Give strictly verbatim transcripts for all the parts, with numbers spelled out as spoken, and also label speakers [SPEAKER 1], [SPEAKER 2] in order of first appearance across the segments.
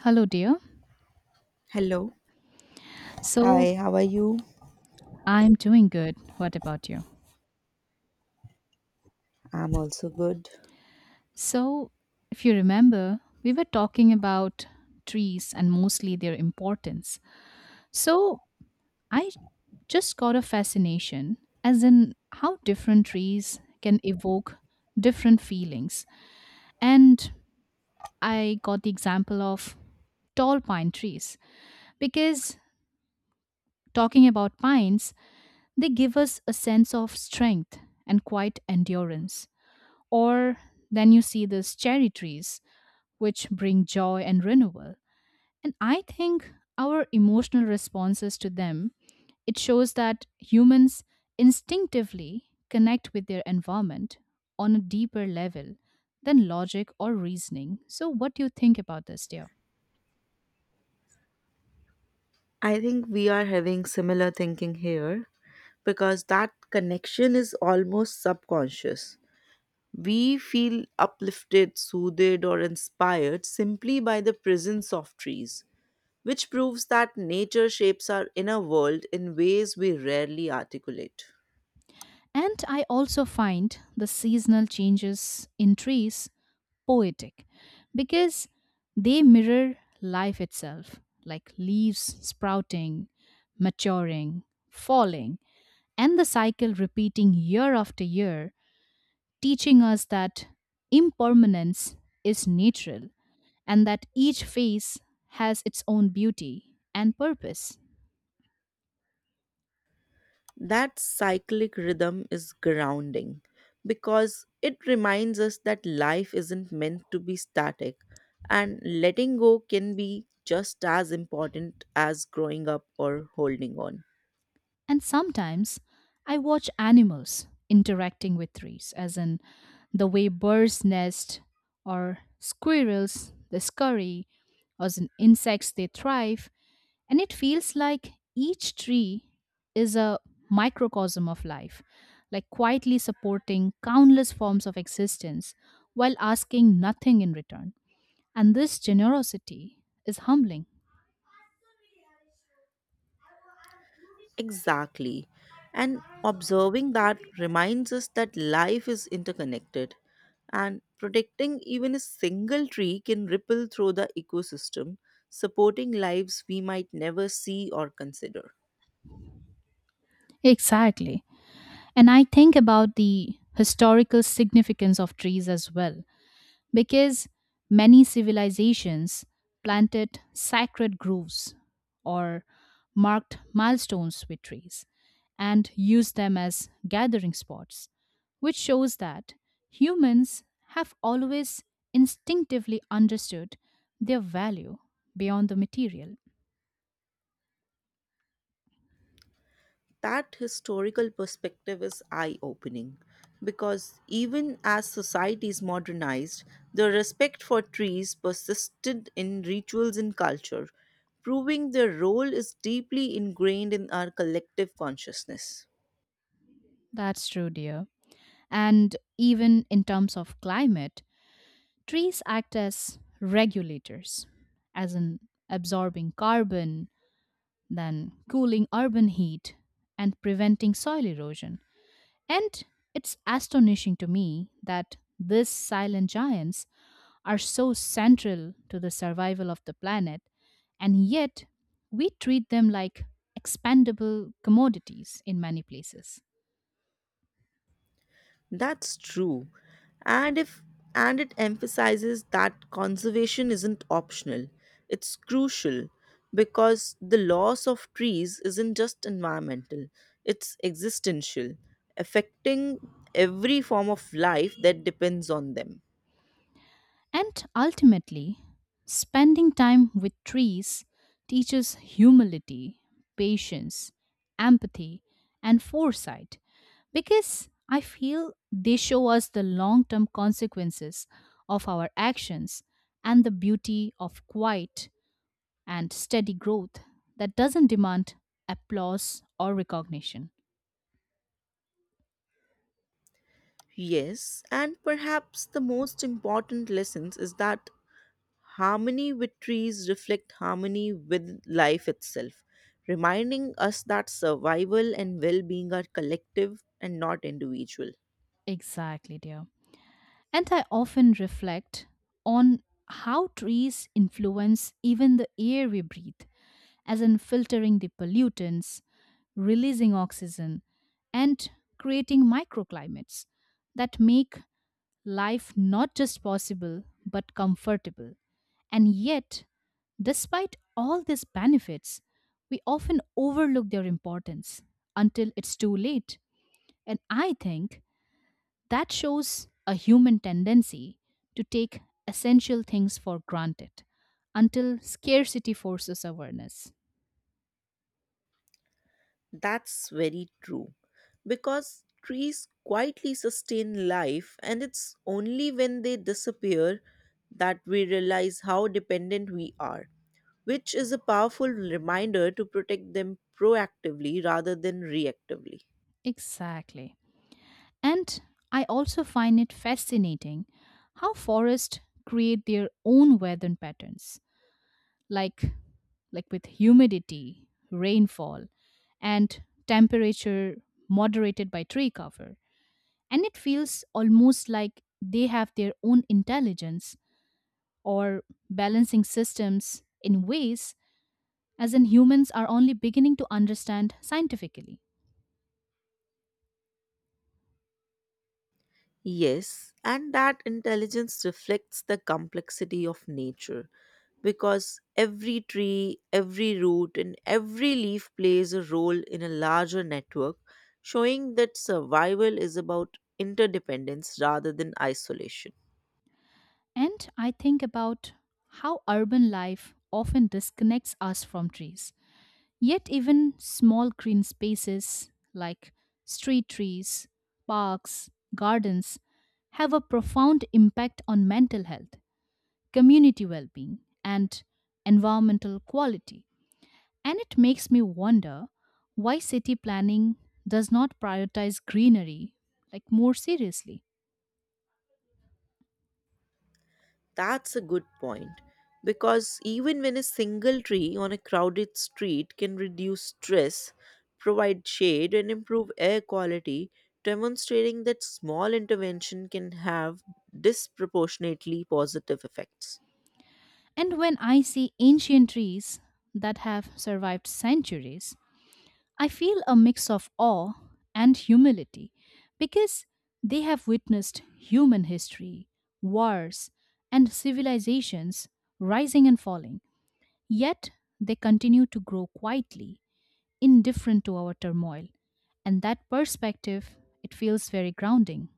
[SPEAKER 1] Hello, dear.
[SPEAKER 2] Hello.
[SPEAKER 1] So,
[SPEAKER 2] Hi, how are you?
[SPEAKER 1] I'm doing good. What about you?
[SPEAKER 2] I'm also good.
[SPEAKER 1] So, if you remember, we were talking about trees and mostly their importance. So, I just got a fascination as in how different trees can evoke different feelings. And I got the example of tall pine trees because, talking about pines, they give us a sense of strength and quite endurance. Or then you see these cherry trees, which bring joy and renewal. And I think our emotional responses to them, it shows that humans instinctively connect with their environment on a deeper level than logic or reasoning. So what do you think about this, dear?
[SPEAKER 2] I think we are having similar thinking here because that connection is almost subconscious. We feel uplifted, soothed, or inspired simply by the presence of trees, which proves that nature shapes our inner world in ways we rarely articulate.
[SPEAKER 1] And I also find the seasonal changes in trees poetic because they mirror life itself, like leaves sprouting, maturing, falling, and the cycle repeating year after year, teaching us that impermanence is natural and that each phase has its own beauty and purpose.
[SPEAKER 2] That cyclic rhythm is grounding because it reminds us that life isn't meant to be static and letting go can be just as important as growing up or holding on.
[SPEAKER 1] And sometimes I watch animals interacting with trees, as in the way birds nest or squirrels they scurry, or as in insects they thrive, and it feels like each tree is a microcosm of life, like quietly supporting countless forms of existence while asking nothing in return. And this generosity is humbling.
[SPEAKER 2] Exactly. And observing that reminds us that life is interconnected and protecting even a single tree can ripple through the ecosystem, supporting lives we might never see or consider.
[SPEAKER 1] Exactly. And I think about the historical significance of trees as well, because many civilizations planted sacred groves or marked milestones with trees and used them as gathering spots, which shows that humans have always instinctively understood their value beyond the material.
[SPEAKER 2] That historical perspective is eye opening because even as societies modernized, the respect for trees persisted in rituals and culture, proving their role is deeply ingrained in our collective consciousness.
[SPEAKER 1] That's true, dear. And even in terms of climate, trees act as regulators, as in absorbing carbon, then cooling urban heat, and preventing soil erosion. And it's astonishing to me that these silent giants are so central to the survival of the planet, and yet we treat them like expendable commodities in many places.
[SPEAKER 2] That's true. And if and it emphasizes that conservation isn't optional. It's crucial because the loss of trees isn't just environmental. It's existential, affecting every form of life that depends on them.
[SPEAKER 1] And ultimately, spending time with trees teaches humility, patience, empathy, and foresight because I feel they show us the long term consequences of our actions and the beauty of quiet and steady growth that doesn't demand applause or recognition.
[SPEAKER 2] Yes, and perhaps the most important lessons is that harmony with trees reflect harmony with life itself, reminding us that survival and well-being are collective and not individual.
[SPEAKER 1] Exactly, dear. And I often reflect on how trees influence even the air we breathe, as in filtering the pollutants, releasing oxygen, and creating microclimates that make life not just possible but comfortable. And yet, despite all these benefits, we often overlook their importance until it's too late. And I think that shows a human tendency to take essential things for granted until scarcity forces awareness.
[SPEAKER 2] That's very true because trees quietly sustain life, and it's only when they disappear that we realize how dependent we are, which is a powerful reminder to protect them proactively rather than reactively.
[SPEAKER 1] Exactly. And I also find it fascinating how forests create their own weather patterns, like, like with humidity, rainfall, and temperature moderated by tree cover. And it feels almost like they have their own intelligence or balancing systems in ways as in humans are only beginning to understand scientifically.
[SPEAKER 2] Yes, and that intelligence reflects the complexity of nature because every tree, every root, and every leaf plays a role in a larger network, showing that survival is about interdependence rather than isolation.
[SPEAKER 1] And I think about how urban life often disconnects us from trees. Yet, even small green spaces like street trees, parks, gardens have a profound impact on mental health, community well being, and environmental quality. And it makes me wonder why city planning does not prioritize greenery like more seriously.
[SPEAKER 2] That's a good point. Because even when a single tree on a crowded street can reduce stress, provide shade, and improve air quality, demonstrating that small intervention can have disproportionately positive effects.
[SPEAKER 1] And when I see ancient trees that have survived centuries, I feel a mix of awe and humility because they have witnessed human history, wars, and civilizations rising and falling. Yet they continue to grow quietly indifferent to our turmoil. And that perspective, it feels very grounding.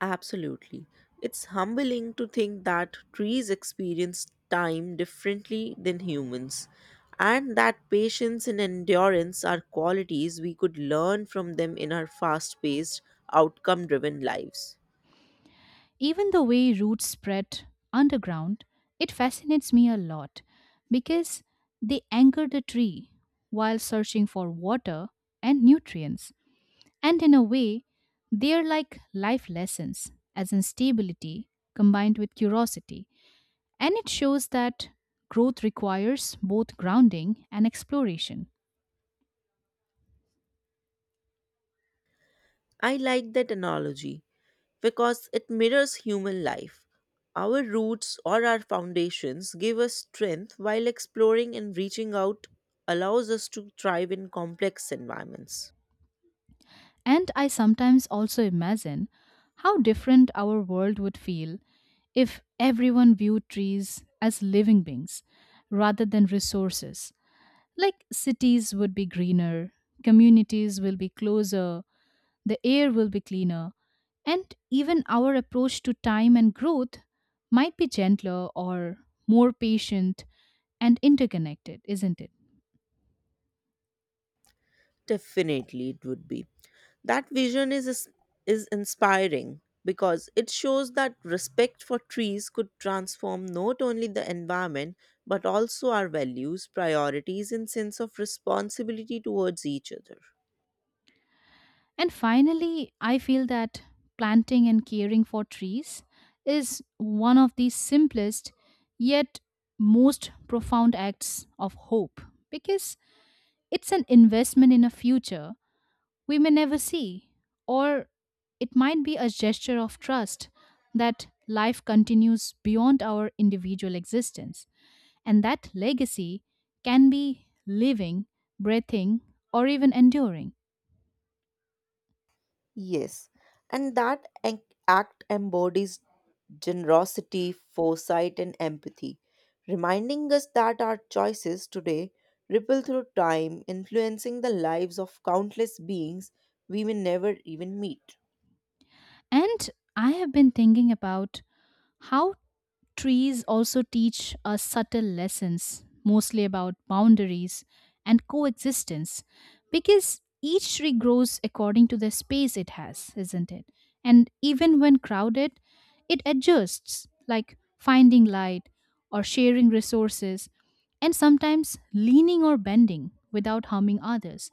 [SPEAKER 2] Absolutely. It's humbling to think that trees experience time differently than humans, and that patience and endurance are qualities we could learn from them in our fast paced, outcome driven lives.
[SPEAKER 1] Even the way roots spread underground, it fascinates me a lot because they anchor the tree while searching for water and nutrients. And in a way, they are like life lessons, as in stability combined with curiosity. And it shows that growth requires both grounding and exploration.
[SPEAKER 2] I like that analogy because it mirrors human life. Our roots or our foundations give us strength while exploring and reaching out allows us to thrive in complex environments.
[SPEAKER 1] And I sometimes also imagine how different our world would feel if everyone viewed trees as living beings rather than resources. Like cities would be greener, communities will be closer, the air will be cleaner, and even our approach to time and growth might be gentler or more patient and interconnected, isn't it?
[SPEAKER 2] Definitely, it would be. That vision is is inspiring because it shows that respect for trees could transform not only the environment but also our values, priorities and sense of responsibility towards each other.
[SPEAKER 1] And finally, I feel that planting and caring for trees is one of the simplest yet most profound acts of hope because it's an investment in a future we may never see, or it might be a gesture of trust that life continues beyond our individual existence, and that legacy can be living, breathing, or even enduring.
[SPEAKER 2] Yes, and that ac- act embodies generosity, foresight, and empathy, reminding us that our choices today ripple through time, influencing the lives of countless beings we may never even meet.
[SPEAKER 1] And I have been thinking about how trees also teach us subtle lessons, mostly about boundaries and coexistence, because each tree grows according to the space it has, isn't it? And even when crowded, it adjusts, like finding light or sharing resources, and sometimes leaning or bending without harming others.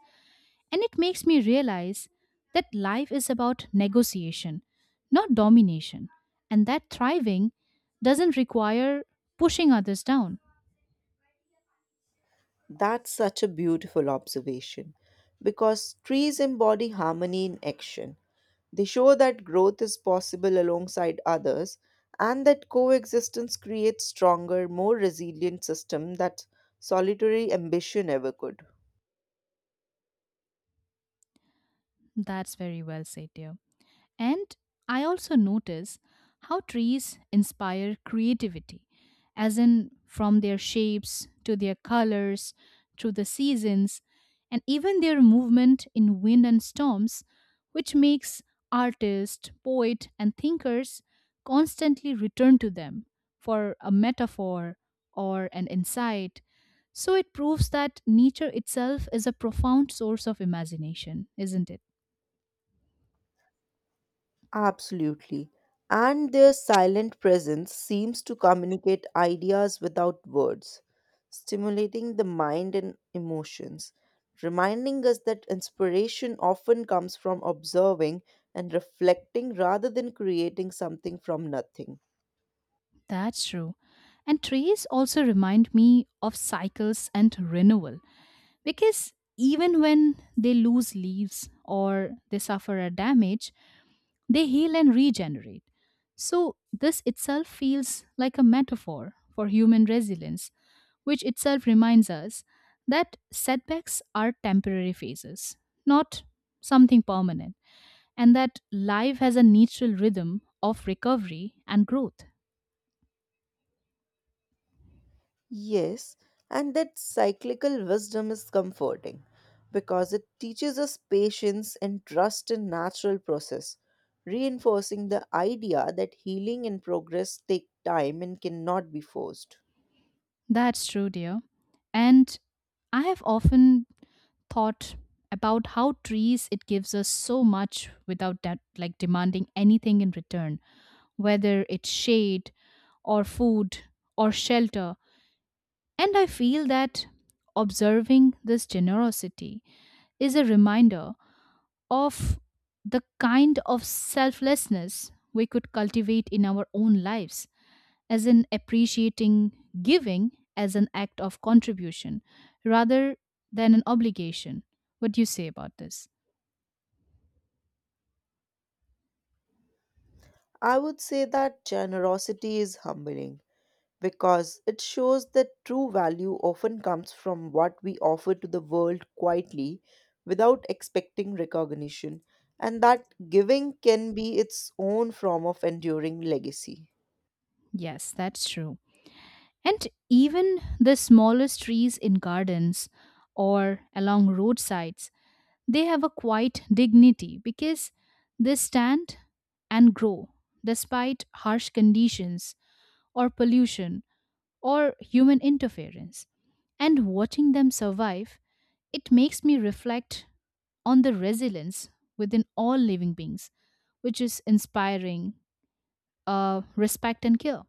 [SPEAKER 1] And it makes me realize that life is about negotiation, not domination, and that thriving doesn't require pushing others down.
[SPEAKER 2] That's such a beautiful observation because trees embody harmony in action. They show that growth is possible alongside others and that coexistence creates stronger, more resilient system that solitary ambition ever could.
[SPEAKER 1] That's very well said, dear. And I also notice how trees inspire creativity, as in from their shapes to their colors, through the seasons, and even their movement in wind and storms, which makes artists, poets, and thinkers constantly return to them for a metaphor or an insight. So it proves that nature itself is a profound source of imagination, isn't it?
[SPEAKER 2] Absolutely. And their silent presence seems to communicate ideas without words, stimulating the mind and emotions, reminding us that inspiration often comes from observing and reflecting rather than creating something from nothing.
[SPEAKER 1] That's true. And trees also remind me of cycles and renewal because even when they lose leaves or they suffer a damage, they heal and regenerate. So, this itself feels like a metaphor for human resilience, which itself reminds us that setbacks are temporary phases, not something permanent, and that life has a natural rhythm of recovery and growth.
[SPEAKER 2] Yes, and that cyclical wisdom is comforting because it teaches us patience and trust in natural process, reinforcing the idea that healing and progress take time and cannot be forced.
[SPEAKER 1] That's true, dear. And I have often thought about how trees it gives us so much without that like demanding anything in return, whether it's shade or food or shelter. And I feel that observing this generosity is a reminder of the kind of selflessness we could cultivate in our own lives as in appreciating giving as an act of contribution rather than an obligation. What do you say about this?
[SPEAKER 2] I would say that generosity is humbling because it shows that true value often comes from what we offer to the world quietly without expecting recognition, and that giving can be its own form of enduring legacy.
[SPEAKER 1] Yes, that's true. And even the smallest trees in gardens or along roadsides, they have a quiet dignity because they stand and grow despite harsh conditions or pollution or human interference. And watching them survive, it makes me reflect on the resilience within all living beings, which is inspiring. Uh, respect and care.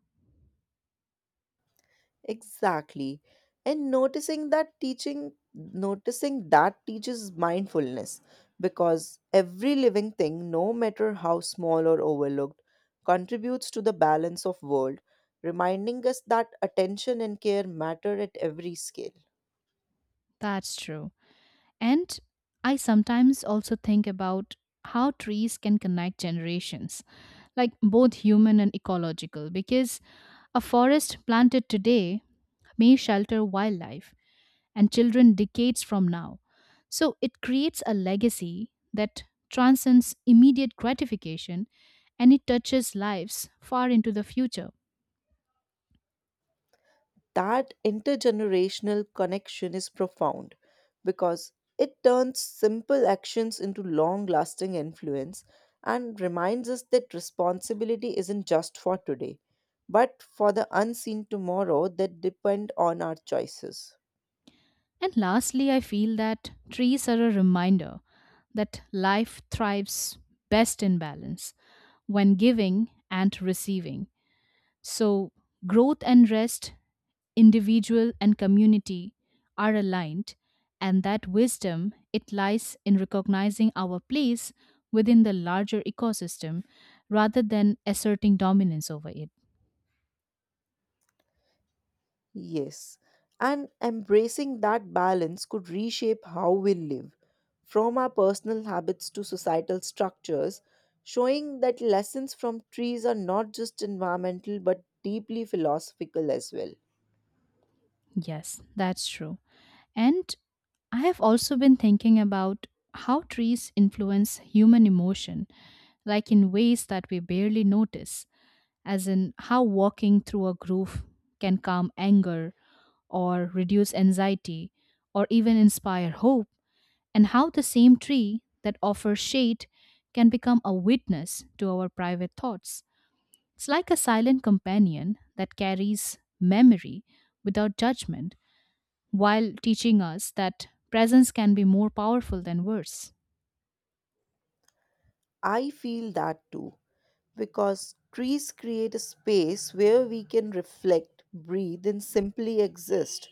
[SPEAKER 2] Exactly. And noticing that teaching, noticing that teaches mindfulness because every living thing, no matter how small or overlooked, contributes to the balance of world, reminding us that attention and care matter at every scale.
[SPEAKER 1] That's true. And I sometimes also think about how trees can connect generations, like both human and ecological, because a forest planted today may shelter wildlife, and children decades from now. So it creates a legacy that transcends immediate gratification and it touches lives far into the future.
[SPEAKER 2] That intergenerational connection is profound because it turns simple actions into long lasting influence and reminds us that responsibility isn't just for today, but for the unseen tomorrow that depend on our choices.
[SPEAKER 1] And lastly, I feel that trees are a reminder that life thrives best in balance when giving and receiving. So, growth and rest, individual and community are aligned, and that wisdom it lies in recognizing our place within the larger ecosystem rather than asserting dominance over it.
[SPEAKER 2] Yes, and embracing that balance could reshape how we live, from our personal habits to societal structures, showing that lessons from trees are not just environmental but deeply philosophical as well.
[SPEAKER 1] Yes, that's true. And I have also been thinking about how trees influence human emotion, like in ways that we barely notice, as in how walking through a groove can calm anger or reduce anxiety or even inspire hope, and how the same tree that offers shade can become a witness to our private thoughts. It's like a silent companion that carries memory without judgment while teaching us that presence can be more powerful than words.
[SPEAKER 2] I feel that too, because trees create a space where we can reflect, breathe, and simply exist,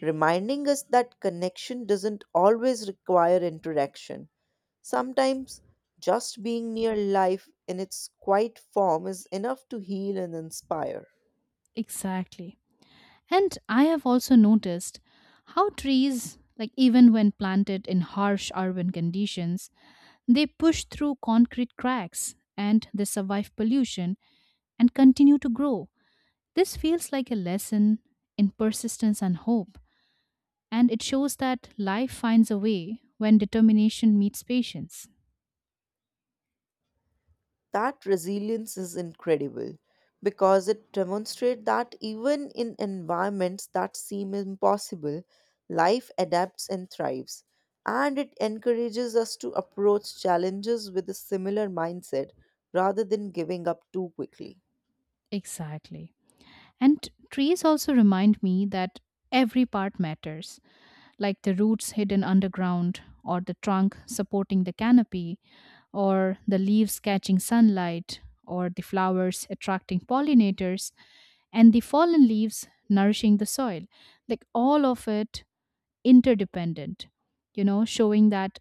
[SPEAKER 2] reminding us that connection doesn't always require interaction. Sometimes just being near life in its quiet form is enough to heal and inspire.
[SPEAKER 1] Exactly. And I have also noticed how trees, like even when planted in harsh urban conditions, they push through concrete cracks and they survive pollution and continue to grow. This feels like a lesson in persistence and hope, and it shows that life finds a way when determination meets patience.
[SPEAKER 2] That resilience is incredible because it demonstrates that even in environments that seem impossible, life adapts and thrives. And it encourages us to approach challenges with a similar mindset rather than giving up too quickly.
[SPEAKER 1] Exactly. And trees also remind me that every part matters, like the roots hidden underground, or the trunk supporting the canopy, or the leaves catching sunlight, or the flowers attracting pollinators, and the fallen leaves nourishing the soil. Like all of it interdependent, you know, showing that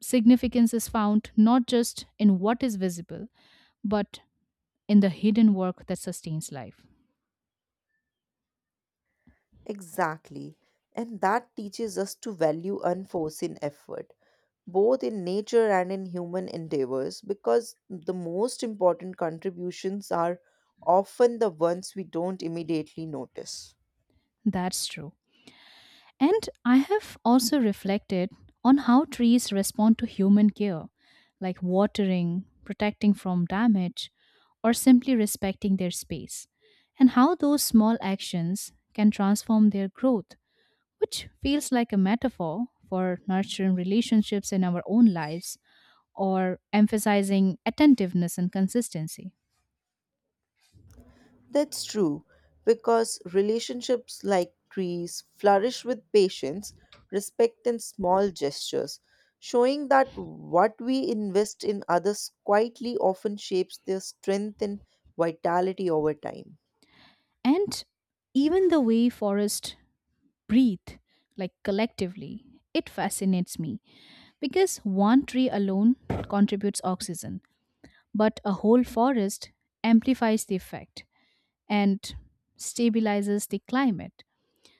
[SPEAKER 1] significance is found not just in what is visible, but in the hidden work that sustains life.
[SPEAKER 2] Exactly. And that teaches us to value unforeseen effort both in nature and in human endeavors because the most important contributions are often the ones we don't immediately notice.
[SPEAKER 1] That's true. And I have also reflected on how trees respond to human care, like watering, protecting from damage, or simply respecting their space, and how those small actions can transform their growth, which feels like a metaphor for nurturing relationships in our own lives or emphasizing attentiveness and consistency.
[SPEAKER 2] That's true, because relationships like trees flourish with patience, respect, and small gestures, showing that what we invest in others quietly often shapes their strength and vitality over time.
[SPEAKER 1] And even the way forests breathe, like collectively, it fascinates me because one tree alone contributes oxygen, but a whole forest amplifies the effect and stabilizes the climate.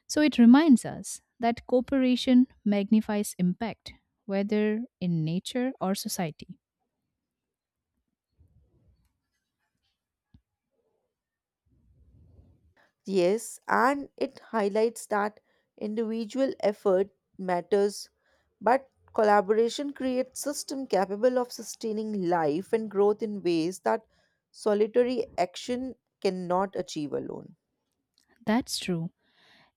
[SPEAKER 1] So it reminds us that cooperation magnifies impact, whether in nature or society.
[SPEAKER 2] Yes, and it highlights that individual effort matters, but collaboration creates system capable of sustaining life and growth in ways that solitary action cannot achieve alone.
[SPEAKER 1] That's true.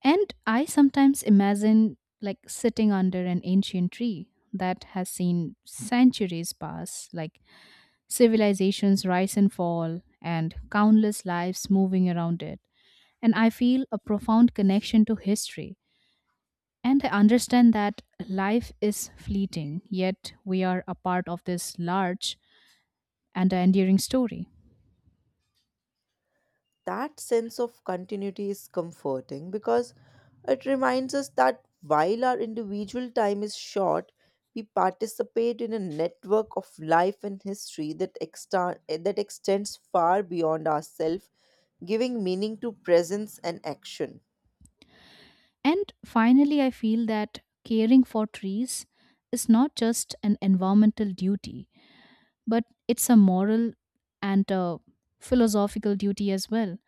[SPEAKER 1] And I sometimes imagine like sitting under an ancient tree that has seen centuries pass, like civilizations rise and fall, and countless lives moving around it, and I feel a profound connection to history. And I understand that life is fleeting, yet we are a part of this large and enduring story.
[SPEAKER 2] That sense of continuity is comforting because it reminds us that while our individual time is short, we participate in a network of life and history that, exta- that extends far beyond ourselves, giving meaning to presence and action.
[SPEAKER 1] And finally, I feel that caring for trees is not just an environmental duty, but it's a moral and a philosophical duty as well,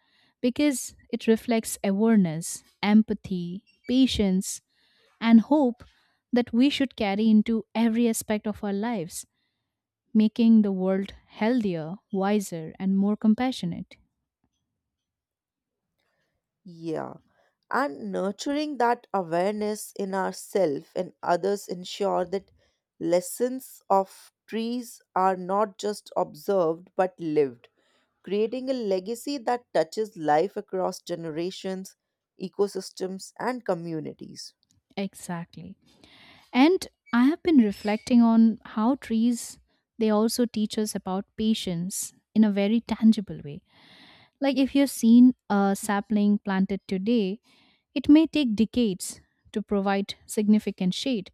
[SPEAKER 1] because it reflects awareness, empathy, patience, and hope that we should carry into every aspect of our lives, making the world healthier, wiser, and more compassionate.
[SPEAKER 2] Yeah. And nurturing that awareness in ourselves and others ensure that lessons of trees are not just observed but lived, creating a legacy that touches life across generations, ecosystems, and communities.
[SPEAKER 1] Exactly. And I have been reflecting on how trees they also teach us about patience in a very tangible way. Like if you've seen a sapling planted today, it may take decades to provide significant shade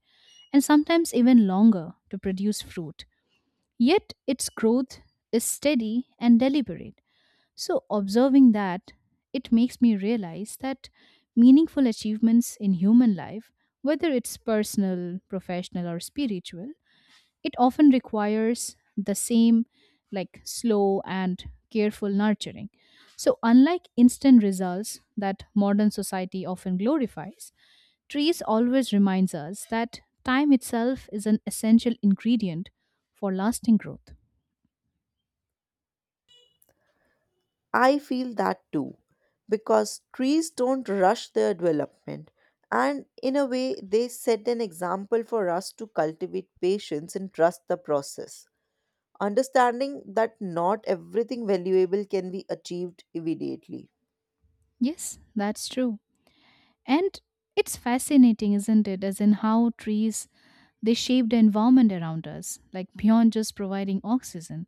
[SPEAKER 1] and sometimes even longer to produce fruit. Yet its growth is steady and deliberate. So, observing that, it makes me realize that meaningful achievements in human life, whether it's personal, professional, or spiritual, it often requires the same, like slow and careful nurturing. So, unlike instant results that modern society often glorifies, trees always reminds us that time itself is an essential ingredient for lasting growth.
[SPEAKER 2] I feel that too, because trees don't rush their development, and in a way, they set an example for us to cultivate patience and trust the process, understanding that not everything valuable can be achieved immediately.
[SPEAKER 1] Yes, that's true. And it's fascinating, isn't it, as in how trees they shape the environment around us, like beyond just providing oxygen,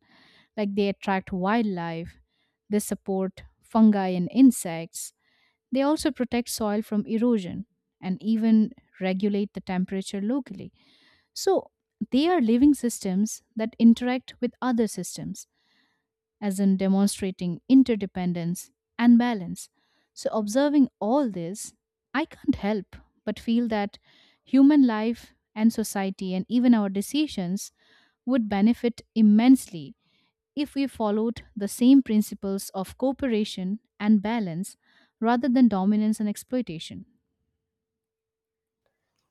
[SPEAKER 1] like they attract wildlife, they support fungi and insects, they also protect soil from erosion and even regulate the temperature locally. So, they are living systems that interact with other systems, as in demonstrating interdependence and balance. So, observing all this, I can't help but feel that human life and society and even our decisions would benefit immensely if we followed the same principles of cooperation and balance rather than dominance and exploitation.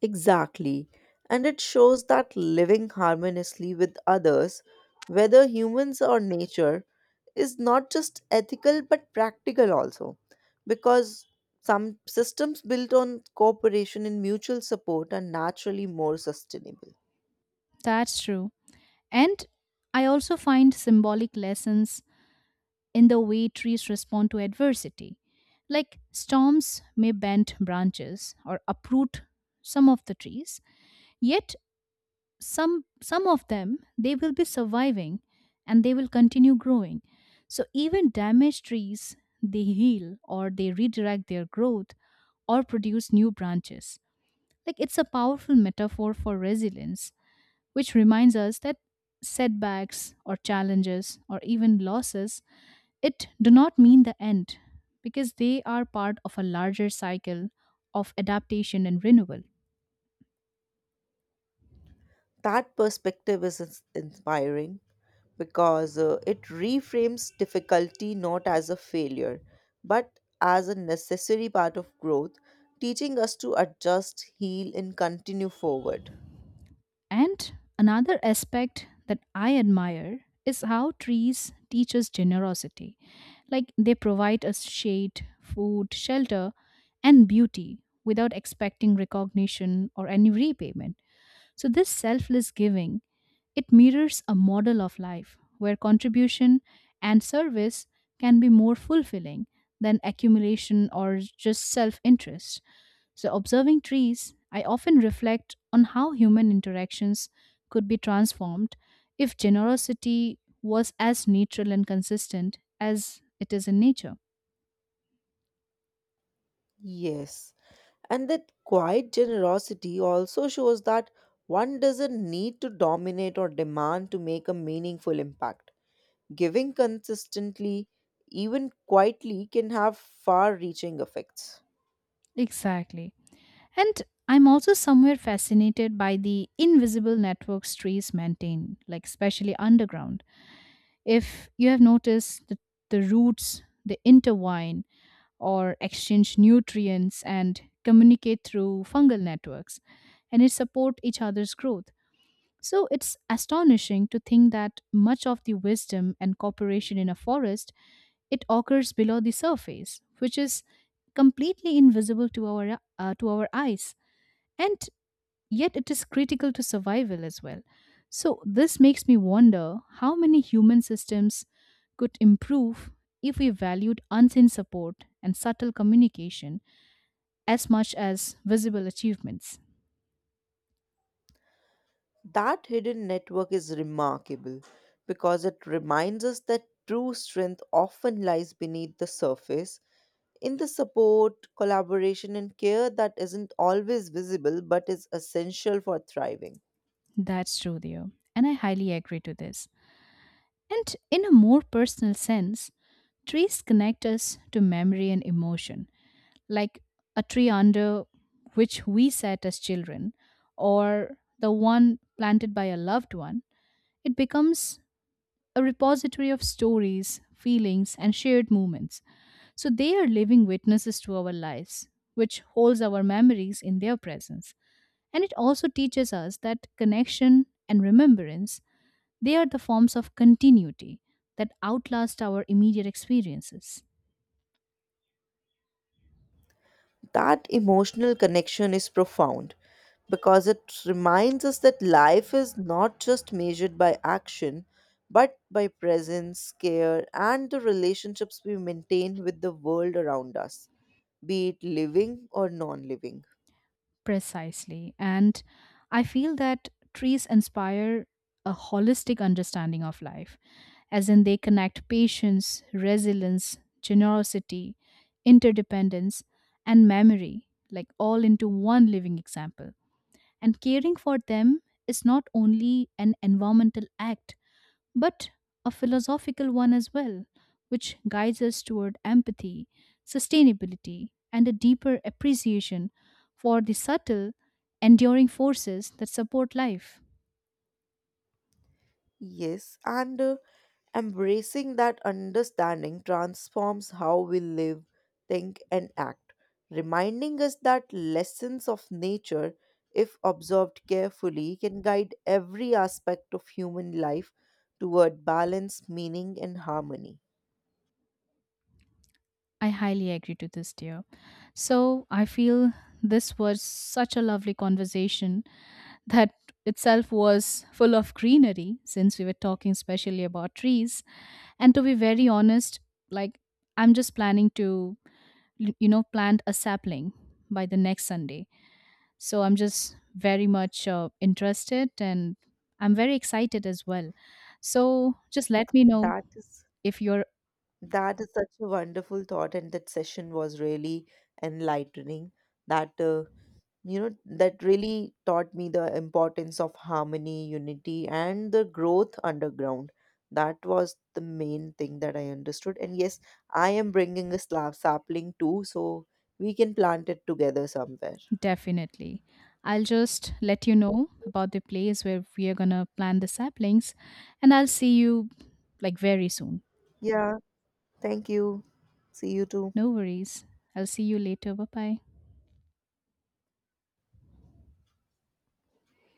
[SPEAKER 2] Exactly. And it shows that living harmoniously with others, whether humans or nature, is not just ethical but practical also. Because some systems built on cooperation and mutual support are naturally more sustainable.
[SPEAKER 1] That's true. And I also find symbolic lessons in the way trees respond to adversity. Like storms may bend branches or uproot some of the trees, yet some some of them they will be surviving and they will continue growing. So even damaged trees they heal or they redirect their growth or produce new branches. Like it's a powerful metaphor for resilience, which reminds us that setbacks or challenges or even losses it do not mean the end because they are part of a larger cycle of adaptation and renewal.
[SPEAKER 2] That perspective is ins- inspiring because uh, it reframes difficulty not as a failure, but as a necessary part of growth, teaching us to adjust, heal, and continue forward.
[SPEAKER 1] And another aspect that I admire is how trees teach us generosity, like they provide us shade, food, shelter, and beauty without expecting recognition or any repayment. So, this selfless giving, it mirrors a model of life where contribution and service can be more fulfilling than accumulation or just self interest. So, observing trees, I often reflect on how human interactions could be transformed if generosity was as natural and consistent as it is in nature.
[SPEAKER 2] Yes, and that quiet generosity also shows that one doesn't need to dominate or demand to make a meaningful impact. Giving consistently, even quietly, can have far reaching effects.
[SPEAKER 1] Exactly. And I'm also somewhere fascinated by the invisible networks trees maintain, like especially underground. If you have noticed that the roots, they intertwine or exchange nutrients and communicate through fungal networks, and it support each other's growth. So it's astonishing to think that much of the wisdom and cooperation in a forest, it occurs below the surface, which is completely invisible to our uh, to our eyes. And yet it is critical to survival as well. So, this makes me wonder how many human systems could improve if we valued unseen support and subtle communication as much as visible achievements.
[SPEAKER 2] That hidden network is remarkable because it reminds us that true strength often lies beneath the surface in the support, collaboration, and care that isn't always visible but is essential for thriving.
[SPEAKER 1] That's true, dear, and I highly agree to this. And in a more personal sense, trees connect us to memory and emotion, like a tree under which we sat as children, or the one planted by a loved one. It becomes a repository of stories, feelings, and shared moments. So they are living witnesses to our lives, which holds our memories in their presence. And it also teaches us that connection and remembrance, they are the forms of continuity that outlast our immediate experiences.
[SPEAKER 2] That emotional connection is profound because it reminds us that life is not just measured by action but by presence, care, and the relationships we maintain with the world around us, be it living or non living.
[SPEAKER 1] Precisely. And I feel that trees inspire a holistic understanding of life, as in they connect patience, resilience, generosity, interdependence, and memory, like all into one living example. And caring for them is not only an environmental act, but a philosophical one as well, which guides us toward empathy, sustainability, and a deeper appreciation for the subtle, enduring forces that support life.
[SPEAKER 2] Yes, and uh, embracing that understanding transforms how we live, think, and act, reminding us that lessons of nature, if observed carefully, can guide every aspect of human life toward balance, meaning, and harmony.
[SPEAKER 1] I highly agree to this, dear. So I feel this was such a lovely conversation that itself was full of greenery since we were talking specially about trees. And to be very honest, like I'm just planning to l- you know plant a sapling by the next Sunday. So I'm just very much uh, interested and I'm very excited as well, so just let me know
[SPEAKER 2] That is
[SPEAKER 1] if you're
[SPEAKER 2] that is such a wonderful thought, and that session was really enlightening. That uh, you know that really taught me the importance of harmony, unity, and the growth underground. That was the main thing that I understood. And yes, I am bringing a slab sapling too, so we can plant it together somewhere.
[SPEAKER 1] definitely. I'll just let you know about the place where we are going to plant the saplings, and I'll see you like very soon.
[SPEAKER 2] Yeah, thank you. See you too.
[SPEAKER 1] No worries, I'll see you later. Bye bye.